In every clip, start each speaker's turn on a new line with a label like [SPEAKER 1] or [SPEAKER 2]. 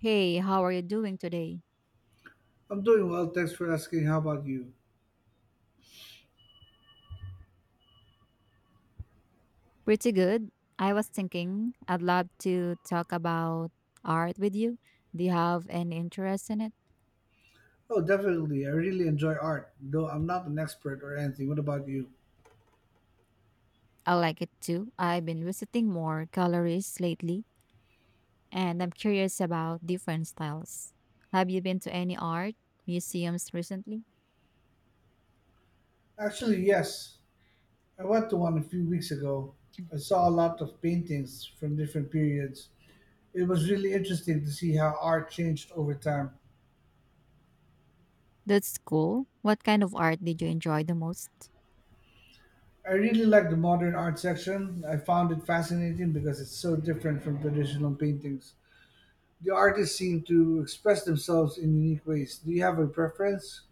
[SPEAKER 1] Hey, how are you doing today?
[SPEAKER 2] I'm doing well, thanks for asking. How about you?
[SPEAKER 1] Pretty good. I was thinking I'd love to talk about art with you. Do you have any interest in it?
[SPEAKER 2] Oh, definitely. I really enjoy art, though I'm not an expert or anything. What about you?
[SPEAKER 1] I like it too. I've been visiting more galleries lately, and I'm curious about different styles. Have you been to any art museums recently?
[SPEAKER 2] Actually, yes. I went to one a few weeks ago. I saw a lot of paintings from different periods. It was really interesting to see how art changed over time.
[SPEAKER 1] That's cool. What kind of art did you enjoy the most?
[SPEAKER 2] I really like the modern art section. I found it fascinating because it's so different from traditional paintings. The artists seem to express themselves in unique ways. Do you have a preference?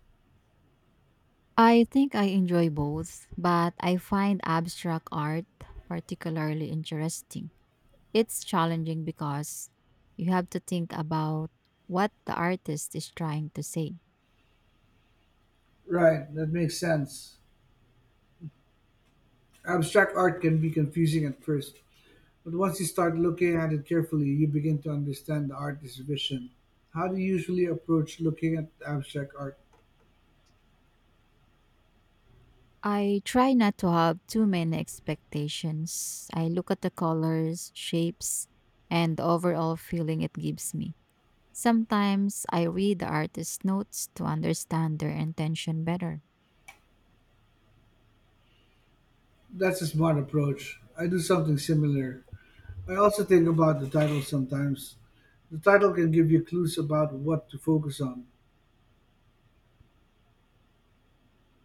[SPEAKER 1] I think I enjoy both, but I find abstract art particularly interesting. It's challenging because you have to think about what the artist is trying to say.
[SPEAKER 2] Right, that makes sense. Abstract art can be confusing at first, but once you start looking at it carefully, you begin to understand the artist's vision. How do you usually approach looking at abstract art?
[SPEAKER 1] I try not to have too many expectations. I look at the colors, shapes, and the overall feeling it gives me. Sometimes I read the artist's notes to understand their intention better.
[SPEAKER 2] That's a smart approach. I do something similar. I also think about the title sometimes. The title can give you clues about what to focus on.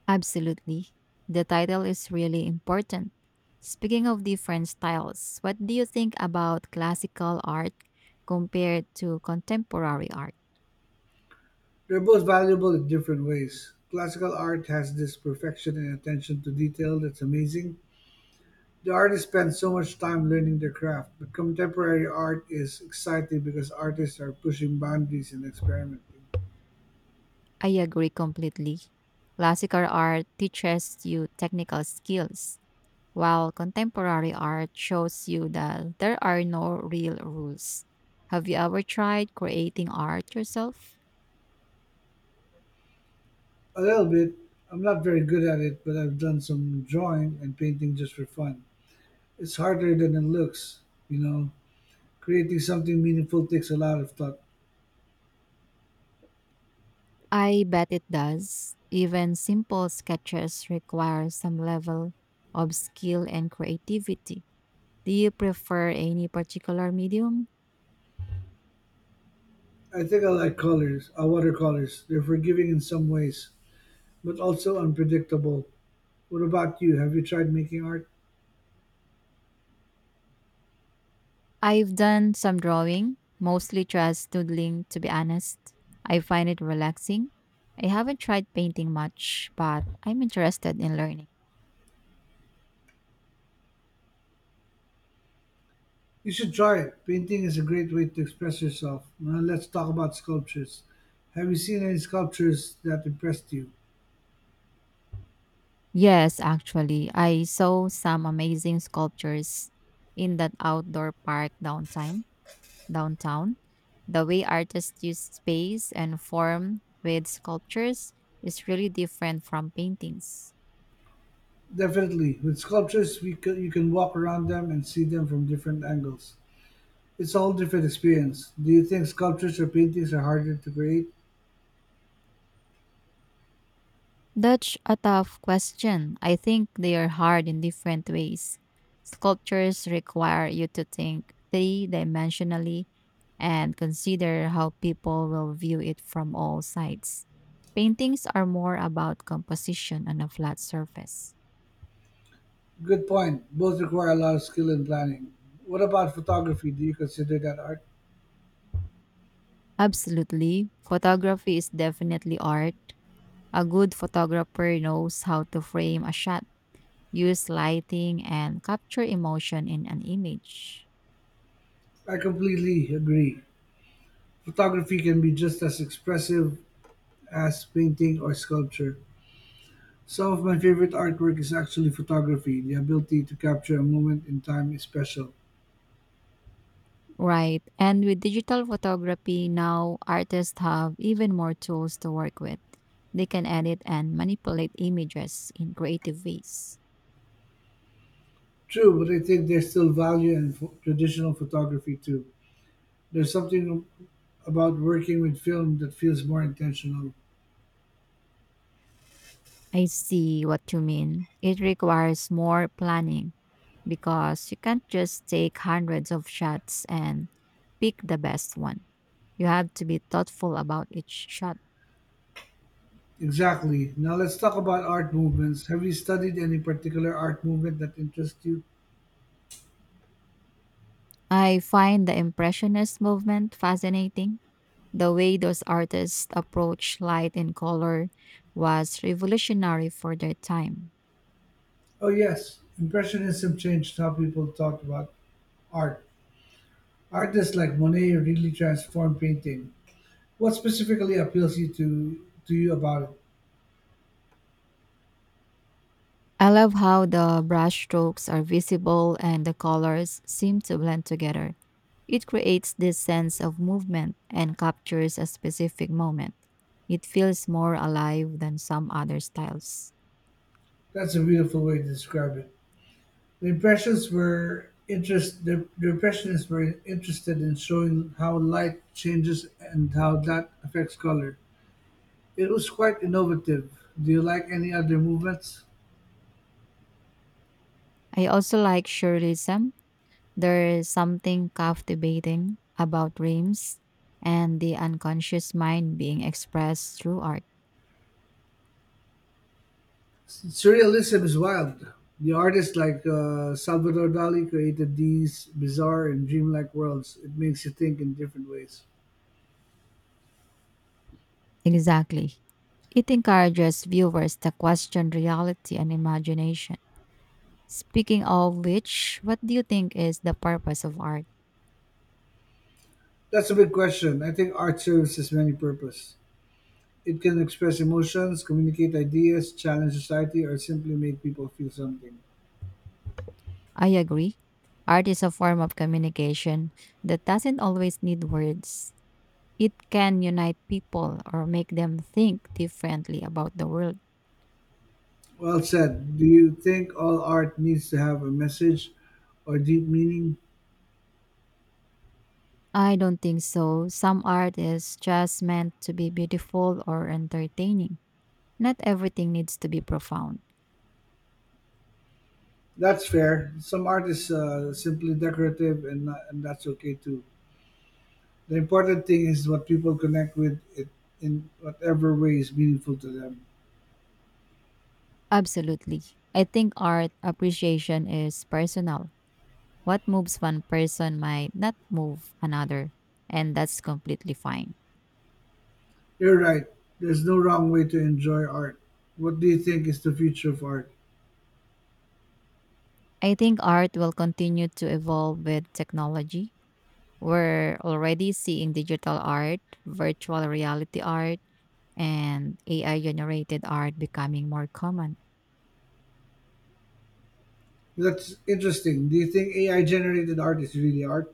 [SPEAKER 1] Absolutely. The title is really important. Speaking of different styles, what do you think about classical art compared to contemporary art?
[SPEAKER 2] They're both valuable in different ways. Classical art has this perfection and attention to detail that's amazing. The artist spends so much time learning their craft, but contemporary art is exciting because artists are pushing boundaries and experimenting.
[SPEAKER 1] I agree completely. Classical art teaches you technical skills, while contemporary art shows you that there are no real rules. Have you ever tried creating art yourself?
[SPEAKER 2] A little bit. I'm not very good at it, but I've done some drawing and painting just for fun. It's harder than it looks, you know. Creating something meaningful takes a lot of thought.
[SPEAKER 1] I bet it does. Even simple sketches require some level of skill and creativity. Do you prefer any particular medium?
[SPEAKER 2] I think I like colors, watercolors. They're forgiving in some ways, but also unpredictable. What about you? Have you tried making art?
[SPEAKER 1] I've done some drawing, mostly just doodling, to be honest. I find it relaxing. I haven't tried painting much, but I'm interested in learning.
[SPEAKER 2] You should try it. Painting is a great way to express yourself. Now let's talk about sculptures. Have you seen any sculptures that impressed you?
[SPEAKER 1] Yes, actually, I saw some amazing sculptures in that outdoor park downtown. Downtown, the way artists use space and form with sculptures is really different from paintings.
[SPEAKER 2] Definitely. With sculptures, we c you can walk around them and see them from different angles. It's a whole different experience. Do you think sculptures or paintings are harder to create?
[SPEAKER 1] That's a tough question. I think they are hard in different ways. Sculptures require you to think three dimensionally and consider how people will view it from all sides. Paintings are more about composition on a flat surface.
[SPEAKER 2] Good point. Both require a lot of skill and planning. What about photography? Do you consider that art?
[SPEAKER 1] Absolutely. Photography is definitely art. A good photographer knows how to frame a shot, use lighting, and capture emotion in an image.
[SPEAKER 2] I completely agree. Photography can be just as expressive as painting or sculpture. Some of my favorite artwork is actually photography. The ability to capture a moment in time is special.
[SPEAKER 1] Right. And with digital photography, now artists have even more tools to work with. They can edit and manipulate images in creative ways.
[SPEAKER 2] True, but I think there's still value in traditional photography too. There's something about working with film that feels more intentional.
[SPEAKER 1] I see what you mean. It requires more planning because you can't just take hundreds of shots and pick the best one. You have to be thoughtful about each shot.
[SPEAKER 2] Exactly. Now let's talk about art movements. Have you studied any particular art movement that interests you?
[SPEAKER 1] I find the Impressionist movement fascinating. The way those artists approached light and color was revolutionary for their time.
[SPEAKER 2] Oh, yes. Impressionism changed how people thought about art. Artists like Monet really transformed painting. What specifically appeals to you about it?
[SPEAKER 1] I love how the brushstrokes are visible and the colors seem to blend together. It creates this sense of movement and captures a specific moment. It feels more alive than some other styles.
[SPEAKER 2] That's a beautiful way to describe it. The impressions were interest the impressionists were interested in showing how light changes and how that affects color. It was quite innovative. Do you like any other movements?
[SPEAKER 1] I also like surrealism. There is something captivating about dreams and the unconscious mind being expressed through art.
[SPEAKER 2] Surrealism is wild. The artists like Salvador Dali created these bizarre and dreamlike worlds. It makes you think in different ways.
[SPEAKER 1] Exactly. It encourages viewers to question reality and imagination. Speaking of which, what do you think is the purpose of art?
[SPEAKER 2] That's a big question. I think art serves as many purposes. It can express emotions, communicate ideas, challenge society, or simply make people feel something.
[SPEAKER 1] I agree. Art is a form of communication that doesn't always need words. It can unite people or make them think differently about the world.
[SPEAKER 2] Well said. Do you think all art needs to have a message or deep meaning?
[SPEAKER 1] I don't think so. Some art is just meant to be beautiful or entertaining. Not everything needs to be profound.
[SPEAKER 2] That's fair. Some art is simply decorative, and not, and that's okay too. The important thing is what people connect with it in whatever way is meaningful to them.
[SPEAKER 1] Absolutely. I think art appreciation is personal. What moves one person might not move another, and that's completely fine.
[SPEAKER 2] You're right. There's no wrong way to enjoy art. What do you think is the future of art?
[SPEAKER 1] I think art will continue to evolve with technology. We're already seeing digital art, virtual reality art, and AI generated art becoming more common.
[SPEAKER 2] That's interesting. Do you think AI generated art is really art?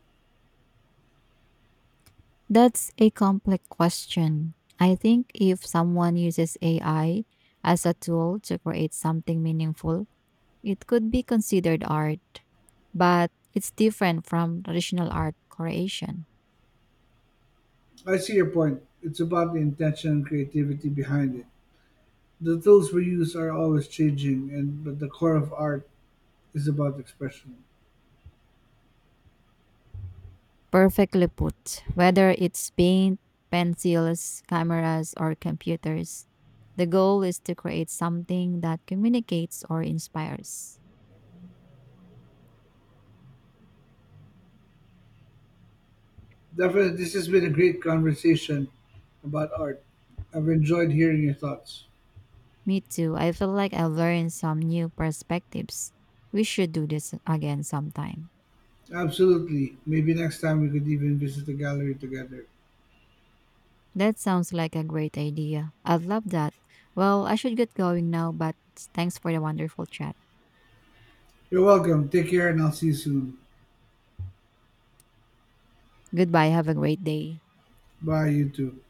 [SPEAKER 1] That's a complex question. I think if someone uses AI as a tool to create something meaningful, it could be considered art, but it's different from traditional art creation.
[SPEAKER 2] I see your point. It's about the intention and creativity behind it. The tools we use are always changing, and but the core of art is about expression.
[SPEAKER 1] Perfectly put. Whether it's paint, pencils, cameras, or computers, the goal is to create something that communicates or inspires.
[SPEAKER 2] Definitely, this has been a great conversation about art. I've enjoyed hearing your thoughts.
[SPEAKER 1] Me too, I feel like I've learned some new perspectives. We should do this again sometime.
[SPEAKER 2] Absolutely. Maybe next time we could even visit the gallery together.
[SPEAKER 1] That sounds like a great idea. I'd love that. Well, I should get going now, but thanks for the wonderful chat.
[SPEAKER 2] You're welcome. Take care, and I'll see you soon.
[SPEAKER 1] Goodbye. Have a great day.
[SPEAKER 2] Bye, you too.